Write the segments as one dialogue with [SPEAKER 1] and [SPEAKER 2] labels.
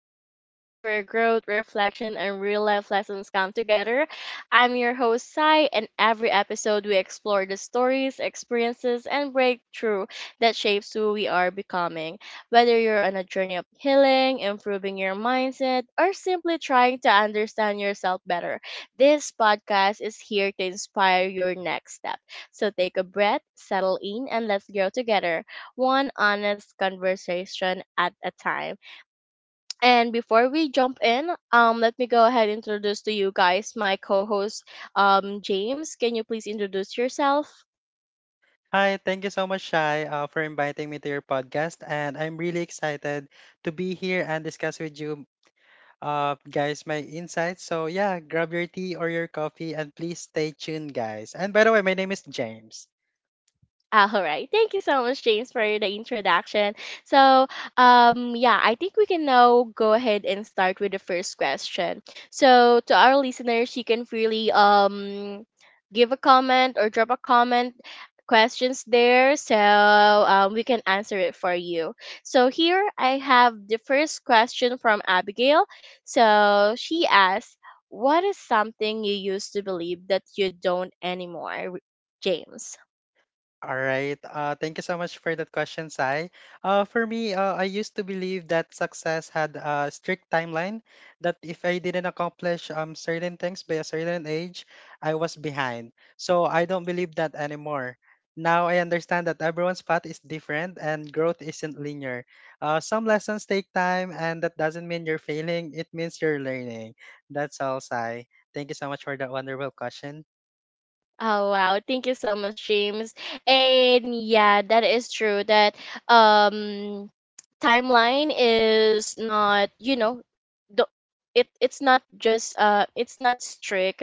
[SPEAKER 1] Studio, the space where growth, reflection, and real life lessons come together. I'm your host, Sai, and every episode we explore the stories, experiences, and breakthrough that shapes who we are becoming. Whether you're on a journey of healing, improving your mindset, or simply trying to understand yourself better, this podcast is here to inspire your next step. So take a breath, settle in, and let's grow together one honest conversation at a time. And before we jump in, let me go ahead and introduce to you guys my co-host, James. Can you please introduce yourself?
[SPEAKER 2] Hi, thank you so much, Shai, for inviting me to your podcast. And I'm really excited to be here and discuss with you guys my insights. So, yeah, grab your tea or your coffee and please stay tuned, guys. And by the way, my name is James.
[SPEAKER 1] All right. Thank you so much, James, for the introduction. So, yeah, I think we can now go ahead and start with the first question. So, to our listeners, you can freely give a comment or drop a comment questions there so we can answer it for you. So here I have the first question from Abigail. So she asks, what is something you used to believe that you don't anymore, James?
[SPEAKER 2] All right. Thank you so much for that question, Sai. For me, I used to believe that success had a strict timeline, that if I didn't accomplish certain things by a certain age, I was behind. So I don't believe that anymore. Now I understand that everyone's path is different and growth isn't linear. Some lessons take time, and that doesn't mean you're failing, it means you're learning. That's all, Sai. Thank you so much for that wonderful question.
[SPEAKER 1] Oh wow, thank you so much, James. And yeah, that is true that um timeline is not, you know, the it it's not just it's not strict.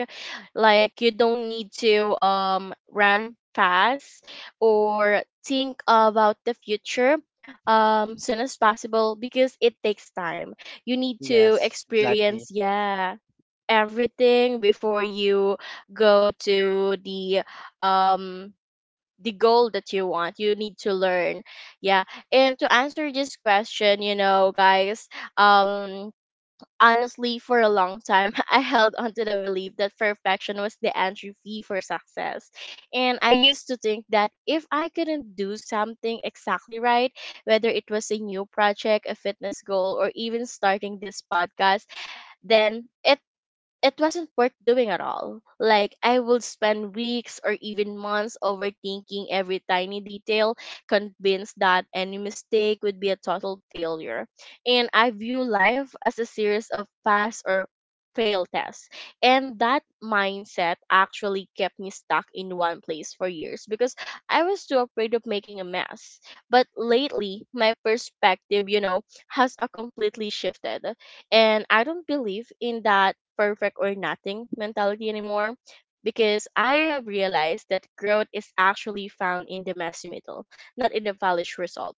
[SPEAKER 1] Like you don't need to run fast or think about the future soon as possible because it takes time. You need to
[SPEAKER 2] Yes, exactly.
[SPEAKER 1] experience, yeah, everything before you go to the um goal that you want. You need to learn, yeah. And to answer this question, you know, guys um honestly, for a long time, I held on to the belief that perfection was the entry fee for success. And I used to think that if I couldn't do something exactly right, whether it was a new project, a fitness goal, or even starting this podcast, then it wasn't worth doing at all. Like I would spend weeks or even months overthinking every tiny detail, convinced that any mistake would be a total failure. And I view life as a series of pass or fail tests. And that mindset actually kept me stuck in one place for years because I was too afraid of making a mess. But lately, my perspective, you know, has a completely shifted. And I don't believe in that perfect or nothing mentality anymore because I have realized that growth is actually found in the messy middle, not in the polished result.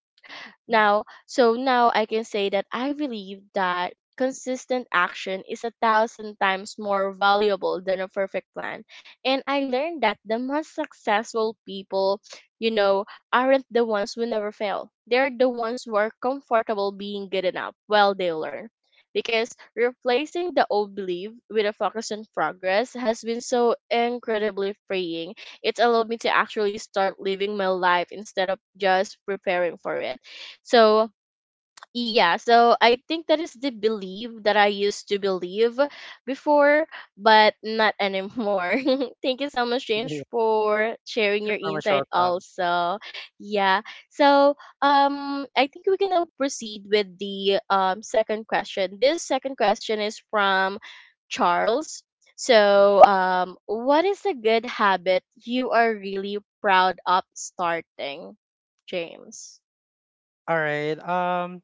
[SPEAKER 1] So now I can say that I believe that consistent action is a thousand times more valuable than a perfect plan. And I learned that the most successful people, you know, aren't the ones who never fail. They're the ones who are comfortable being good enough while they learn. Because replacing the old belief with a focus on progress has been so incredibly freeing. It's allowed me to actually start living my life instead of just preparing for it. so, yeah, so I think that is the belief that I used to believe before, but not anymore. Thank you so much, James,
[SPEAKER 2] You're
[SPEAKER 1] for sharing your
[SPEAKER 2] very much
[SPEAKER 1] insight
[SPEAKER 2] welcome.
[SPEAKER 1] also. Yeah. So, I think we can now proceed with the second question. This second question is from Charles. So, what is a good habit you are really proud of starting, James?
[SPEAKER 2] All right.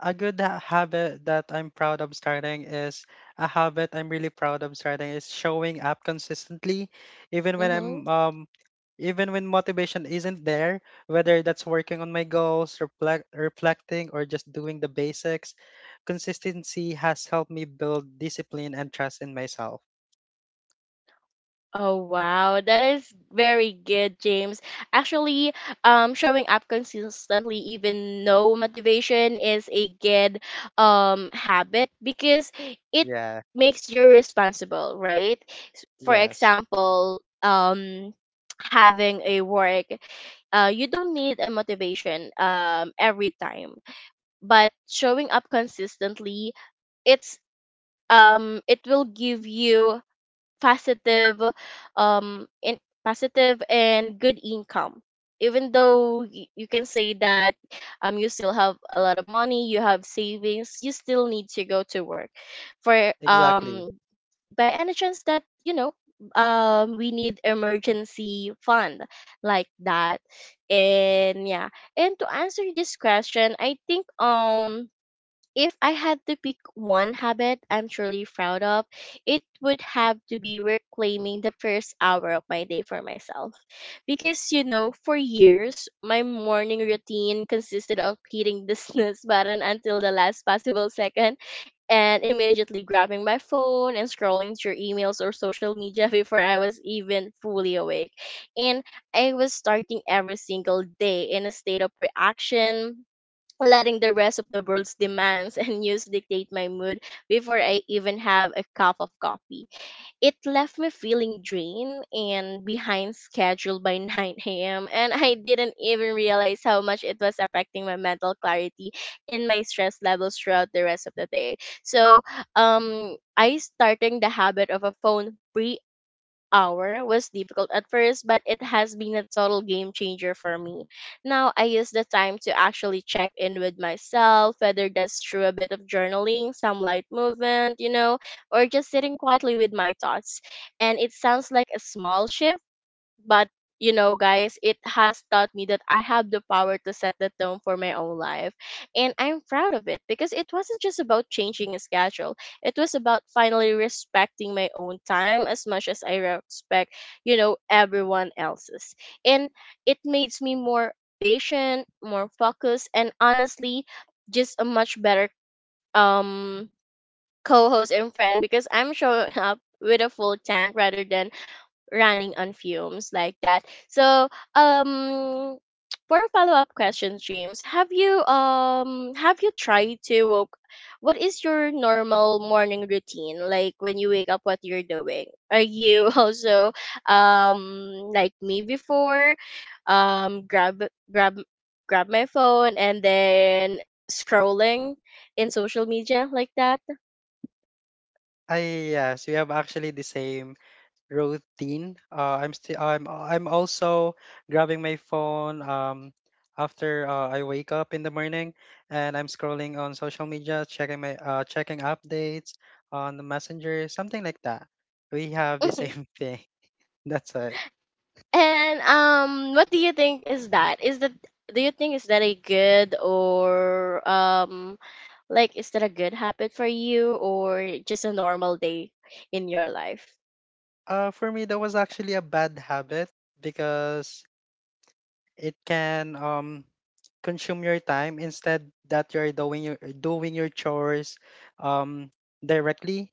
[SPEAKER 2] A good ha- habit that I'm proud of starting is a habit I'm really proud of starting is showing up consistently, even when
[SPEAKER 1] Mhm.
[SPEAKER 2] I'm even when motivation isn't there. Whether that's working on my goals, reflecting, or just doing the basics, consistency has helped me build discipline and trust in myself.
[SPEAKER 1] Oh wow, that is very good, James. Actually, showing up consistently, even no motivation, is a good habit because it
[SPEAKER 2] Yeah.
[SPEAKER 1] makes you responsible, right? For
[SPEAKER 2] Yes.
[SPEAKER 1] example, having a work, you don't need a motivation every time, but showing up consistently, it's it will give you positive in positive and good income, even though you can say that you still have a lot of money, you have savings, you still need to go to work for
[SPEAKER 2] Exactly.
[SPEAKER 1] by any chance that, you know, we need emergency fund like that. And yeah, and to answer this question, I think, if I had to pick one habit I'm truly proud of, it would have to be reclaiming the first hour of my day for myself. Because, you know, for years, my morning routine consisted of hitting the snooze button until the last possible second and immediately grabbing my phone and scrolling through emails or social media before I was even fully awake. And I was starting every single day in a state of reaction, letting the rest of the world's demands and news dictate my mood before I even have a cup of coffee. It left me feeling drained and behind schedule by 9 a.m. and I didn't even realize how much it was affecting my mental clarity and my stress levels throughout the rest of the day. So, I starting the habit of a phone free hour was difficult at first, but it has been a total game changer for me. Now I use the time to actually check in with myself, whether that's through a bit of journaling, some light movement, you know, or just sitting quietly with my thoughts. And it sounds like a small shift, but, you know, guys, it has taught me that I have the power to set the tone for my own life. And I'm proud of it because it wasn't just about changing a schedule, it was about finally respecting my own time as much as I respect, you know, everyone else's. And it makes me more patient, more focused, and honestly just a much better um co-host and friend because I'm showing up with a full tank rather than running on fumes like that. So, um for a follow-up question, James, have you tried to woke, what is your normal morning routine? Like when you wake up what you're doing? Are you also like me before, um grab grab grab my phone and then scrolling in social media like that?
[SPEAKER 2] I yes, we have actually the same routine. I'm still I'm also grabbing my phone after I wake up in the morning, and I'm scrolling on social media, checking my checking updates on the messenger, something like that. We have the
[SPEAKER 1] Mhm.
[SPEAKER 2] same thing. That's it.
[SPEAKER 1] And what do you think is that? Is that do you think is that a good or like, is that a good habit for you or just a normal day in your life?
[SPEAKER 2] For me, that was actually a bad habit because it can consume your time instead that you're doing your chores um directly.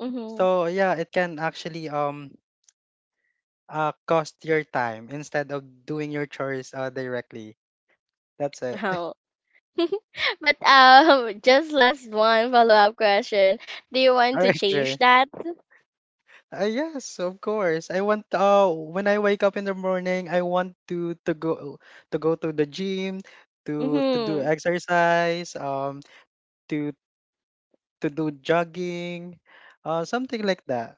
[SPEAKER 1] Mm-hmm.
[SPEAKER 2] So yeah, it can actually cost your time instead of doing your chores directly. That's it.
[SPEAKER 1] No. But just last one follow up question. Do you want
[SPEAKER 2] All
[SPEAKER 1] to
[SPEAKER 2] right,
[SPEAKER 1] change
[SPEAKER 2] sure.
[SPEAKER 1] that?
[SPEAKER 2] Yes, of course. I want When I wake up in the morning, I want to go to go to the gym, to do
[SPEAKER 1] Mm-hmm.
[SPEAKER 2] exercise, to to do jogging, something like that.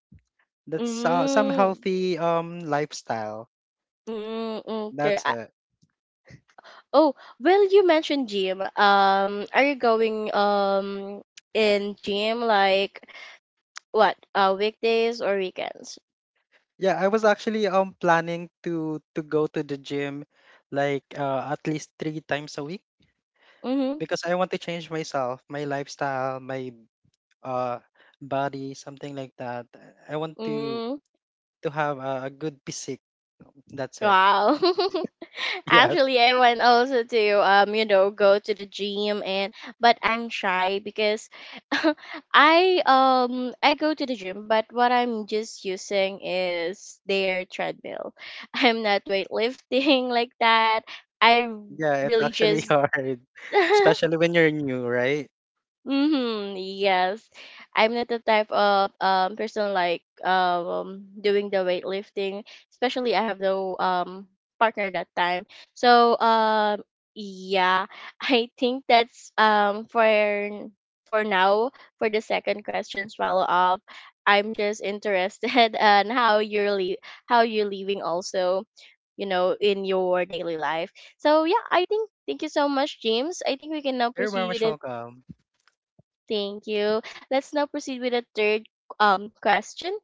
[SPEAKER 2] That's some
[SPEAKER 1] Mm-hmm.
[SPEAKER 2] healthy lifestyle.
[SPEAKER 1] Mm-hmm. Okay.
[SPEAKER 2] That's it.
[SPEAKER 1] Oh, well, you mentioned gym. Are you going in gym like what? Weekdays or weekends?
[SPEAKER 2] Yeah, I was actually planning to go to the gym like at least three times a week,
[SPEAKER 1] Mm-hmm.
[SPEAKER 2] because I want to change myself, my lifestyle, my uh body, something like that. I want
[SPEAKER 1] Mm-hmm.
[SPEAKER 2] to have a good physique. That's it.
[SPEAKER 1] Wow.
[SPEAKER 2] Yes.
[SPEAKER 1] Actually, I want also to you know, go to the gym, and but I'm shy because I go to the gym but what I'm just using is their treadmill. I'm not weightlifting like that. I
[SPEAKER 2] Yeah, it's
[SPEAKER 1] really
[SPEAKER 2] actually
[SPEAKER 1] just
[SPEAKER 2] hard, especially when you're new, right?
[SPEAKER 1] Mm-hmm. Yes. I'm not the type of person like doing the weightlifting, especially I have no partner that time. So yeah, I think that's for now for the second questions follow up. I'm just interested on how you're living also, you know, in your daily life. So yeah, I think thank you so much, James. I think we can now
[SPEAKER 2] You're very
[SPEAKER 1] proceed with
[SPEAKER 2] much
[SPEAKER 1] the
[SPEAKER 2] welcome.
[SPEAKER 1] Thank you. Let's now proceed with the third question.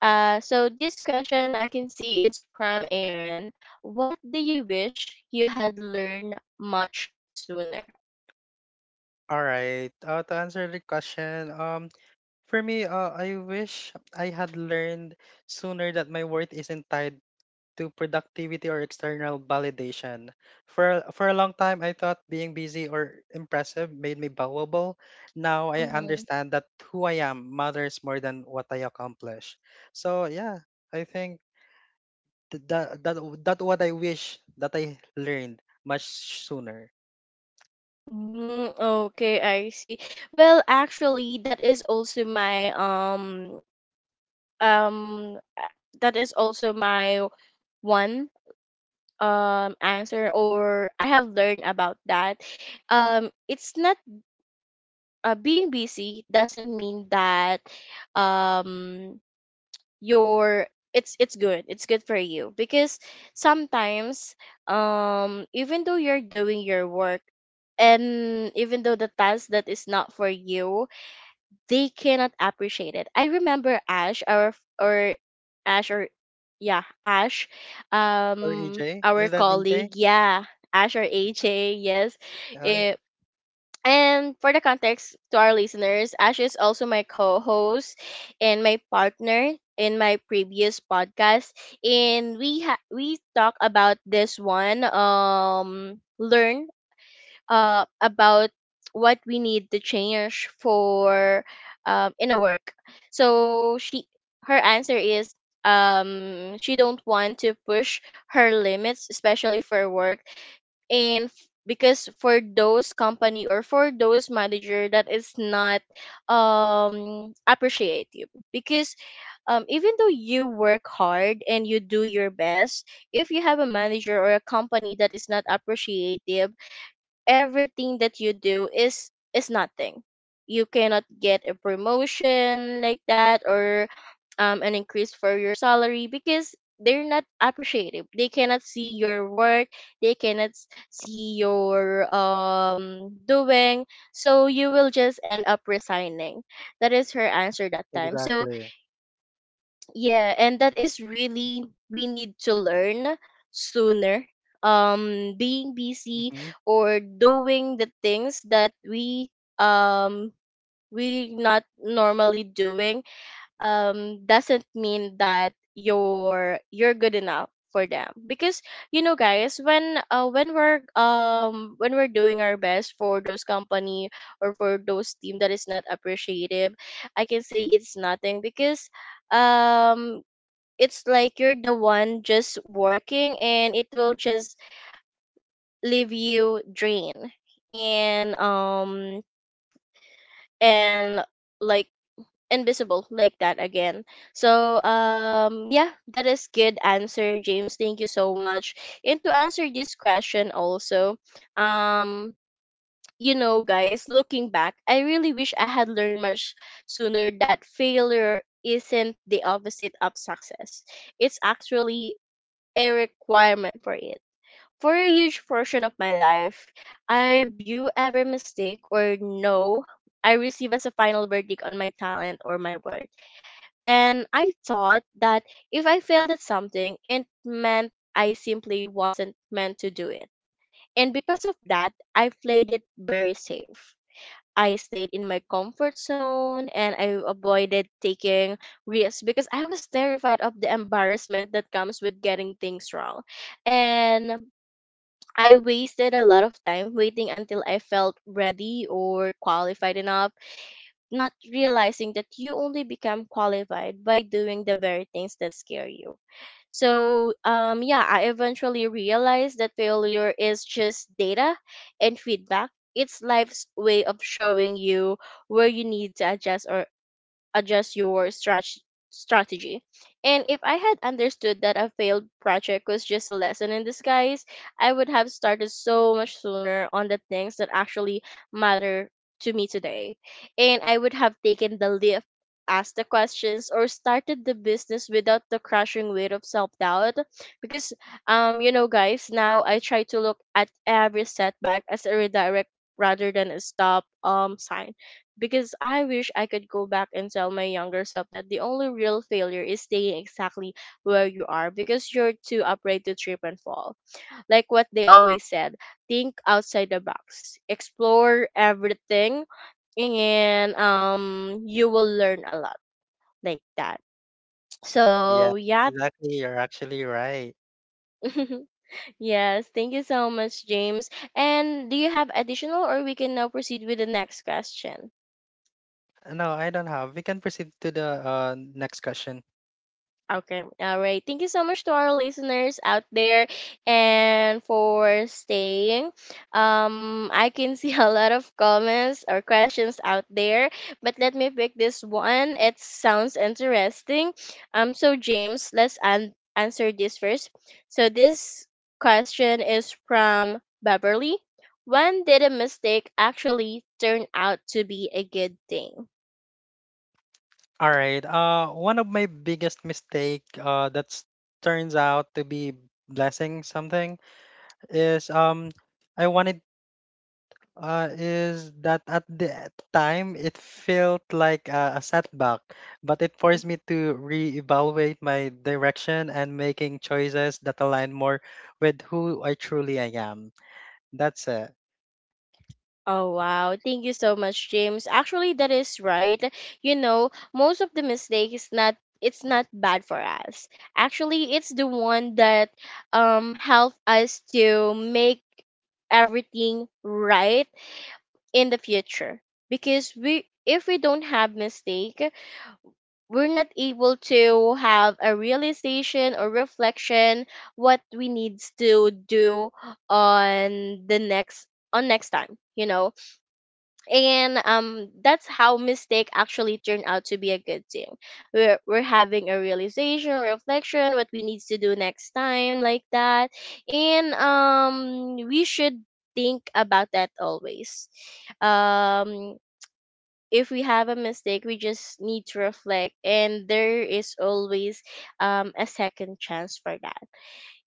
[SPEAKER 1] So this question I can see it's from Aaron. What do you wish you had learned much sooner?
[SPEAKER 2] All right. To answer the question, for me, I wish I had learned sooner that my worth isn't tied to productivity or external validation. For a long time, I thought being busy or impressive made me valuable. Now I
[SPEAKER 1] Mm-hmm.
[SPEAKER 2] understand that who I am matters more than what I accomplish. So yeah, I think that that what I wish that I learned much sooner.
[SPEAKER 1] Mm, okay, I see. Well, actually, that is also my um uh, that is also my one answer, or I have learned about that. It's not being busy doesn't mean that um your it's good, it's good for you because sometimes, even though you're doing your work and even though the task that is not for you, they cannot appreciate it. I remember Ash, our f- or ash or yeah, Ash,
[SPEAKER 2] Or EJ, is
[SPEAKER 1] our
[SPEAKER 2] that EJ?
[SPEAKER 1] colleague, yeah. Ash or AJ, yes.
[SPEAKER 2] Yeah,
[SPEAKER 1] And for the context to our listeners, Ash is also my co host and my partner in my previous podcast. We talk about this one, learn about what we need to change for, in a work. So she, her answer is, she don't want to push her limits, especially for work. Because for those company or for those manager that is not appreciative, because even though you work hard and you do your best, if you have a manager or a company that is not appreciative, everything that you do is nothing. You cannot get a promotion like that, or an increase for your salary, because they're not appreciative. They cannot see your work. They cannot see your doing. So you will just end up resigning. That is her answer that time. So
[SPEAKER 2] exactly.
[SPEAKER 1] yeah, and that is really, we need to learn sooner. Being busy
[SPEAKER 2] Mm-hmm.
[SPEAKER 1] or doing the things that we we not normally doing doesn't mean that you're good enough for them because you know guys when when we're doing our best for those company or for those team that is not appreciative. I can say it's nothing because um it's like you're the one just working and it will just leave you drained and um and like invisible like that again. So yeah, that is good answer, James, thank you so much. And to answer this question also, um you know guys, looking back, I really wish I had learned much sooner that failure isn't the opposite of success. It's actually a requirement for it. For a huge portion of my life, I view every mistake or no I receive as a final verdict on my talent or my worth. And I thought that if I failed at something, it meant I simply wasn't meant to do it. And because of that, I played it very safe. I stayed in my comfort zone and I avoided taking risks because I was terrified of the embarrassment that comes with getting things wrong. And I wasted a lot of time waiting until I felt ready or qualified enough, not realizing that you only become qualified by doing the very things that scare you. So, yeah, I eventually realized that failure is just data and feedback. It's life's way of showing you where you need to adjust or adjust your strat- strategy. And if I had understood that a failed project was just a lesson in disguise, I would have started so much sooner on the things that actually matter to me today. And I would have taken the leap, asked the questions, or started the business without the crushing weight of self doubt. Because, you know, guys, now I try to look at every setback as a redirect rather than a stop sign because I wish I could go back and tell my younger self that the only real failure is staying exactly where you are because you're too afraid to trip and fall. Like what they always said, think outside the box, explore everything, and you will learn a lot like that.
[SPEAKER 2] Yeah,
[SPEAKER 1] So yeah.
[SPEAKER 2] exactly. You're actually right.
[SPEAKER 1] Yes, thank you so much, James. And do you have additional or we can now proceed with the next question?
[SPEAKER 2] No, I don't have. We can proceed to the next question.
[SPEAKER 1] Okay. All right. Thank you so much to our listeners out there and for staying. I can see a lot of comments or questions out there, but let me pick this one. It sounds interesting. So James, answer this first. So this question is from Beverly. When did a mistake actually turn out to be a good thing?
[SPEAKER 2] All right. One of my biggest mistake that turns out to be blessing something is I wanted is that at the time it felt like a setback, but it forced
[SPEAKER 1] Mm.
[SPEAKER 2] me to reevaluate my direction and making choices that align more with who I truly I am. That's it.
[SPEAKER 1] Oh wow, thank you so much, James. Actually, that is right. You know, most of the mistake is not, it's not bad for us. Actually, it's the one that help us to make everything right in the future because we, if we don't have mistake, we're not able to have a realization or reflection what we needs to do on the next, on next time, you know. And that's how mistake actually turned out to be a good thing. We're having a realization reflection what we needs to do next time like that. And we should think about that always. um if we have a mistake, we just need to reflect, and there is always, a second chance for that.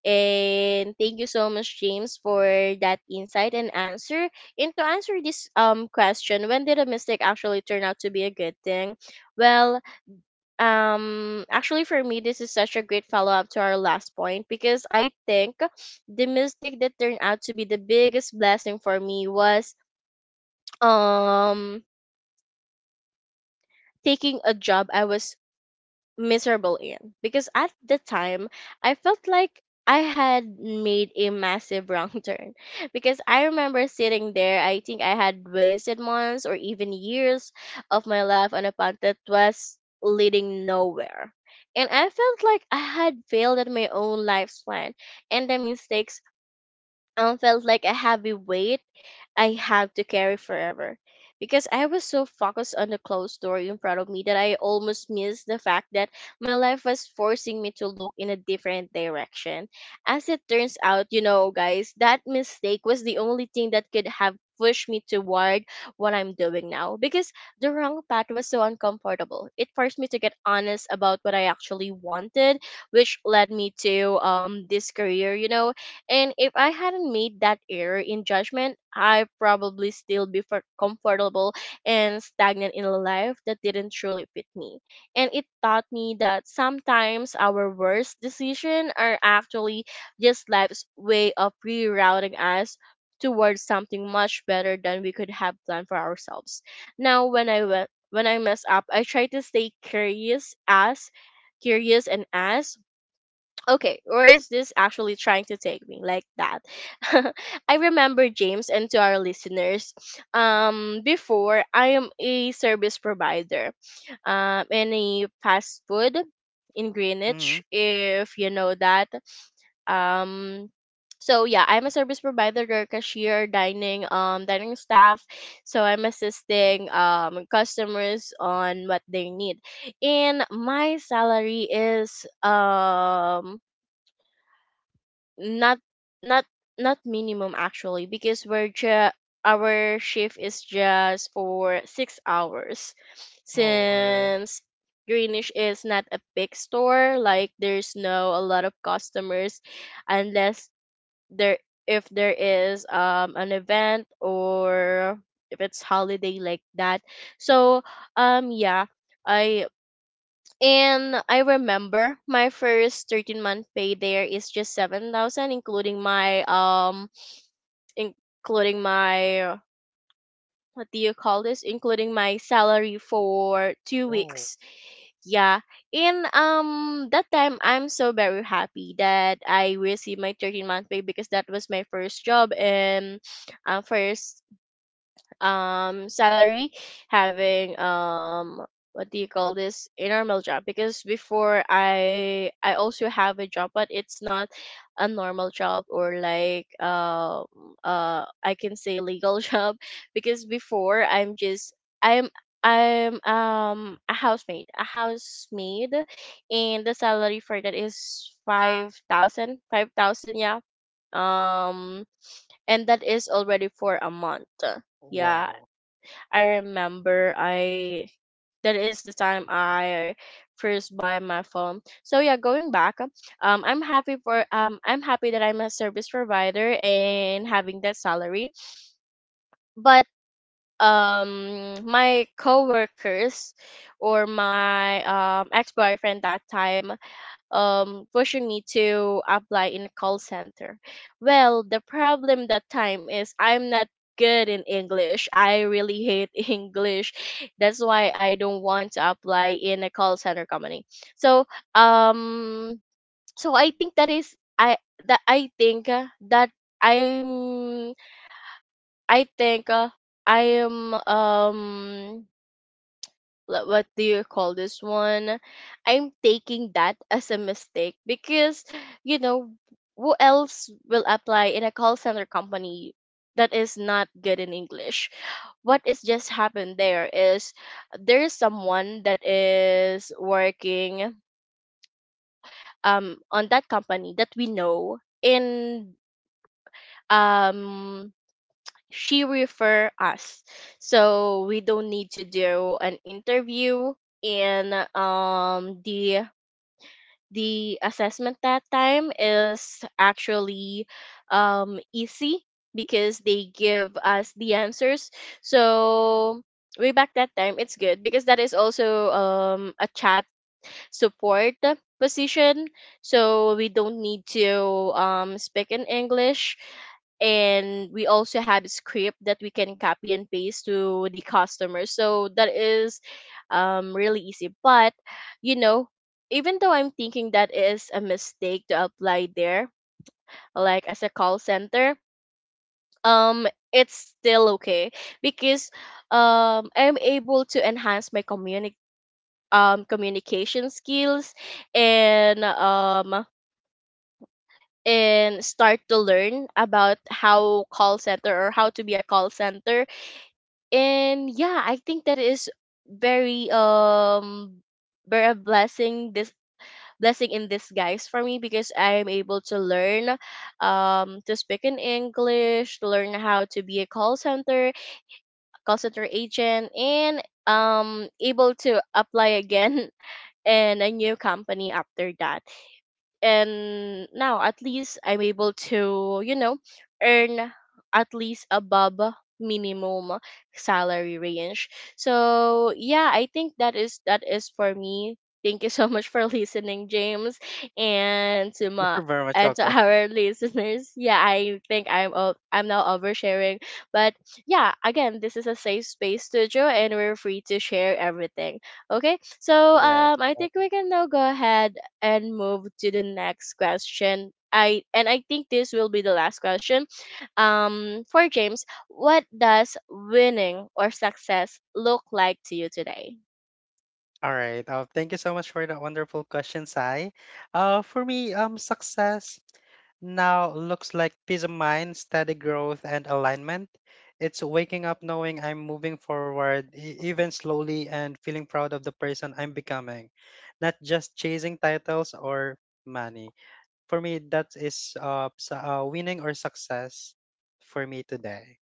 [SPEAKER 1] And thank you so much, James, for that insight and answer. And to answer this question, when did a mistake actually turn out to be a good thing? Well, actually, for me, this is such a great follow up to our last point because I think the mistake that turned out to be the biggest blessing for me was um taking a job I was miserable in because at the time I felt like I had made a massive wrong turn because I remember sitting there, I think I had wasted months or even years of my life on a path that was leading nowhere, and I felt like I had failed at my own life's plan, and the mistakes felt like a heavy weight I have to carry forever. Because I was so focused on the closed door in front of me that I almost missed the fact that my life was forcing me to look in a different direction. As it turns out, you know, guys, that mistake was the only thing that could have pushed me toward what I'm doing now. Because the wrong path was so uncomfortable. It forced me to get honest about what I actually wanted, which led me to this career, you know. And if I hadn't made that error in judgment, I'd probably still be comfortable and stagnant in a life that didn't truly fit me. And it taught me that sometimes our worst decisions are actually just life's way of rerouting us towards something much better than we could have planned for ourselves. Now, when I mess up, I try to stay curious, ask, curious, and ask, okay, where is this actually trying to take me like that? I remember James, and to our listeners, before I am a service provider, in a fast food in
[SPEAKER 2] Hmm.
[SPEAKER 1] Greenwich, if you know that, um. So yeah, I'm a service provider, or cashier, dining, dining staff. So I'm assisting customers on what they need, and my salary is not, not not minimum actually because our shift is just for 6 hours
[SPEAKER 2] Oh, all right.
[SPEAKER 1] since greenish is not a big store, like there's no a lot of customers unless there if there is an event, or if it's holiday like that. So yeah, I and I remember my first 13-month pay there is just 7,000 including my including my what do you call this, including my salary for 2
[SPEAKER 2] Oh,
[SPEAKER 1] weeks. Yeah. And that time I'm so very happy that I received my 13-month pay because that was my first job and first salary having what do you call this, a normal job because before I also have a job but it's not a normal job or like I can say legal job because before I'm just I'm I'm a housemaid. And the salary for that is five thousand yeah. um and that is already for a month. Yeah,
[SPEAKER 2] wow.
[SPEAKER 1] I remember I that is the time I first buy my phone. So yeah, going back, I'm happy that I'm a service provider and having that salary. But my coworkers or my ex boyfriend that time, pushing me to apply in a call center. Well, the problem that time is I'm not good in English. I really hate English. That's why I don't want to apply in a call center company. So, um, so I think that is I that I think that I'm I think I am what do you call this one? I'm taking that as a mistake because, you know, who else will apply in a call center company that is not good in English? What is just happened there is someone that is working on that company that we know, and um she refer us, so we don't need to do an interview. And the assessment that time is actually easy because they give us the answers. So way back that time, it's good because that is also a chat support position, so we don't need to speak in english, and we also have a script that we can copy and paste to the customer, so that is really easy. But you know, even though I'm thinking that is a mistake to apply there like as a call center, um it's still okay because I'm able to enhance my communication skills, and um and start to learn about how call center, or how to be a call center. And yeah, I think that is very um very a blessing, this blessing in disguise for me, because I am able to learn to speak in english, to learn how to be a call center agent, and able to apply again in a new company after that. And now at least I'm able to, you know, earn at least above minimum salary range. So yeah, I think that is for me. Thank you so much for listening, James, and to my
[SPEAKER 2] You're very much
[SPEAKER 1] and to
[SPEAKER 2] welcome.
[SPEAKER 1] our listeners. Yeah, I think I'm now oversharing, but yeah, again, this is a safe space studio, and we're free to share everything. Okay, so
[SPEAKER 2] Yes,
[SPEAKER 1] I think
[SPEAKER 2] exactly.
[SPEAKER 1] we can now go ahead and move to the next question. I think this will be the last question. For James, what does winning or success look like to you today?
[SPEAKER 2] All right. Thank you so much for that wonderful question, Sai. For me, success now looks like peace of mind, steady growth, and alignment. It's waking up knowing I'm moving forward, even slowly, and feeling proud of the person I'm becoming, not just chasing titles or money. For me, that is winning or success for me today.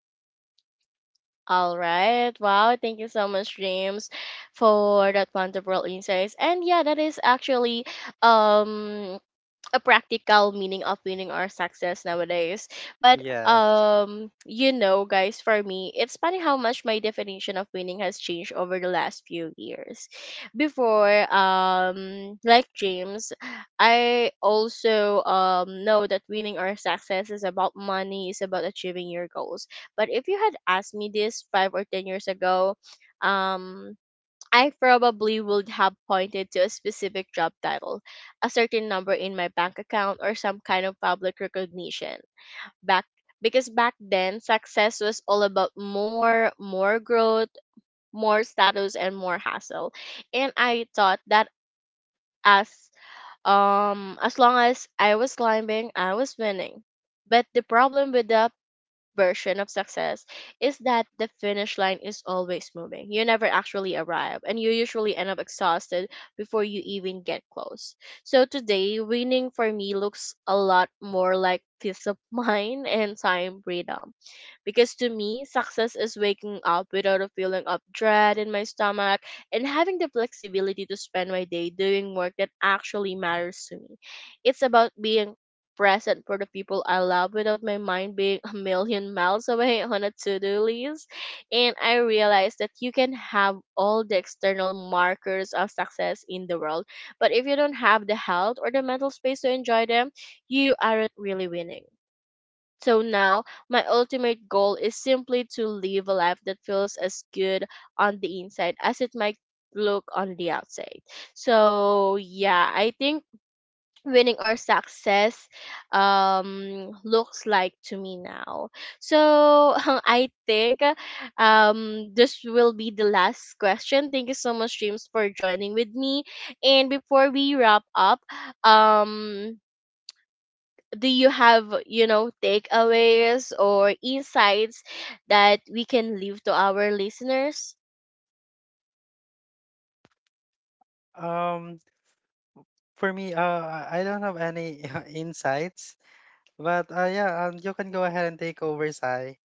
[SPEAKER 1] All right. Wow. Thank you so much, James, for that wonderful insights. And yeah, that is actually um a practical meaning of winning or success nowadays. But
[SPEAKER 2] Yes.
[SPEAKER 1] guys, for me, it's funny how much my definition of winning has changed over the last few years. Before, like James, I also know that winning or success is about money, is about achieving your goals. But if you had asked me this 5 or 10 years ago, um I probably would have pointed to a specific job title, a certain number in my bank account, or some kind of public recognition. Back because back then success was all about more, more growth, more status and more hassle. And I thought that as as long as I was climbing, I was winning. But the problem with the version of success is that the finish line is always moving. You never actually arrive, and you usually end up exhausted before you even get close. So today, winning for me looks a lot more like peace of mind and time freedom. Because to me, success is waking up without a feeling of dread in my stomach and having the flexibility to spend my day doing work that actually matters to me. It's about being present for the people I love without my mind being a million miles away on a to do list. And I realized that you can have all the external markers of success in the world, but if you don't have the health or the mental space to enjoy them, you aren't really winning. So now, my ultimate goal is simply to live a life that feels as good on the inside as it might look on the outside. So, yeah, I think winning or success looks like to me now. So I think this will be the last question. Thank you so much, James, for joining with me. And before we wrap up, um do you have, you know, takeaways or insights that we can leave to our listeners?
[SPEAKER 2] Um, for me, I don't have any insights. But, yeah, you can go ahead and take over, Sai.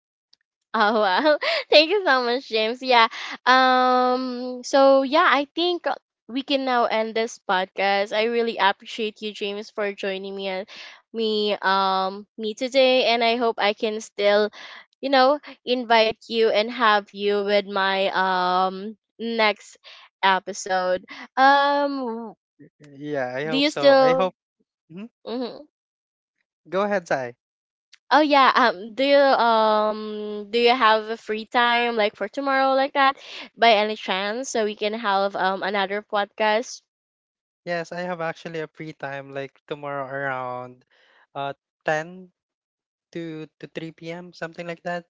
[SPEAKER 1] Oh wow. Thank you so much, James. Yeah. So yeah, I think we can now end this podcast. I really appreciate you, James, for joining me and me today, and I hope I can still, you know, invite you and have you with my next episode. Um
[SPEAKER 2] Yeah, I
[SPEAKER 1] do
[SPEAKER 2] hope
[SPEAKER 1] you
[SPEAKER 2] so. I
[SPEAKER 1] still?
[SPEAKER 2] hope. Mhm.
[SPEAKER 1] Mhm.
[SPEAKER 2] Go ahead, Sai.
[SPEAKER 1] Oh yeah. Do you do you have a free time like for tomorrow like that, by any chance, so we can have another podcast?
[SPEAKER 2] Yes, I have actually a free time like tomorrow around uh 10 to 3 p.m., something like that.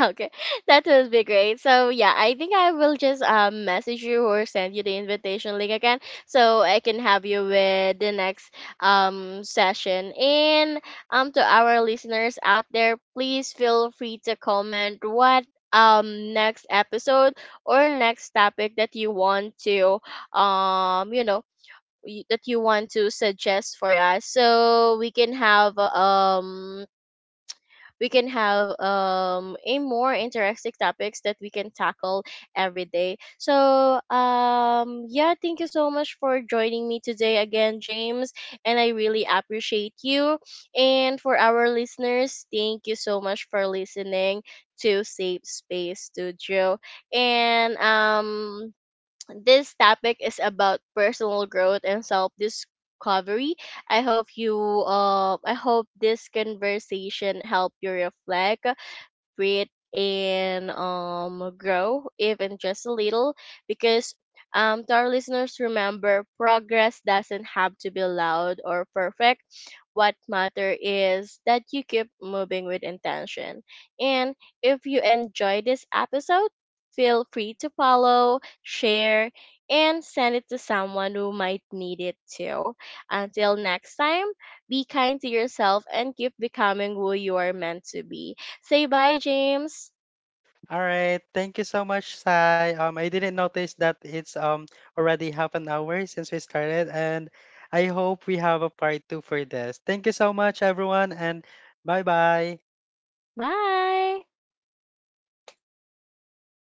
[SPEAKER 1] Okay, that would be great. So yeah, I think I will just message you or send you the invitation link again, so I can have you with the next session. And to our listeners out there, please feel free to comment what next episode or next topic that you want to um you know that you want to suggest for us, so we can have a more interesting topics that we can tackle every day. So yeah, thank you so much for joining me today again, James, and I really appreciate you. And for our listeners, thank you so much for listening to Safe Space Studio. And this topic is about personal growth and self discovery. I hope you I hope this conversation help you reflect, breathe, and grow even just a little, because to our listeners, remember, progress doesn't have to be loud or perfect. What matter is that you keep moving with intention. And if you enjoy this episode, feel free to follow, share, and send it to someone who might need it too. Until next time, be kind to yourself and keep becoming who you are meant to be. Say bye, James.
[SPEAKER 2] All right. Thank you so much, Sai. I didn't notice that it's already half an hour since we started, and I hope we have a part two for this. Thank you so much, everyone, and bye bye.
[SPEAKER 1] Bye.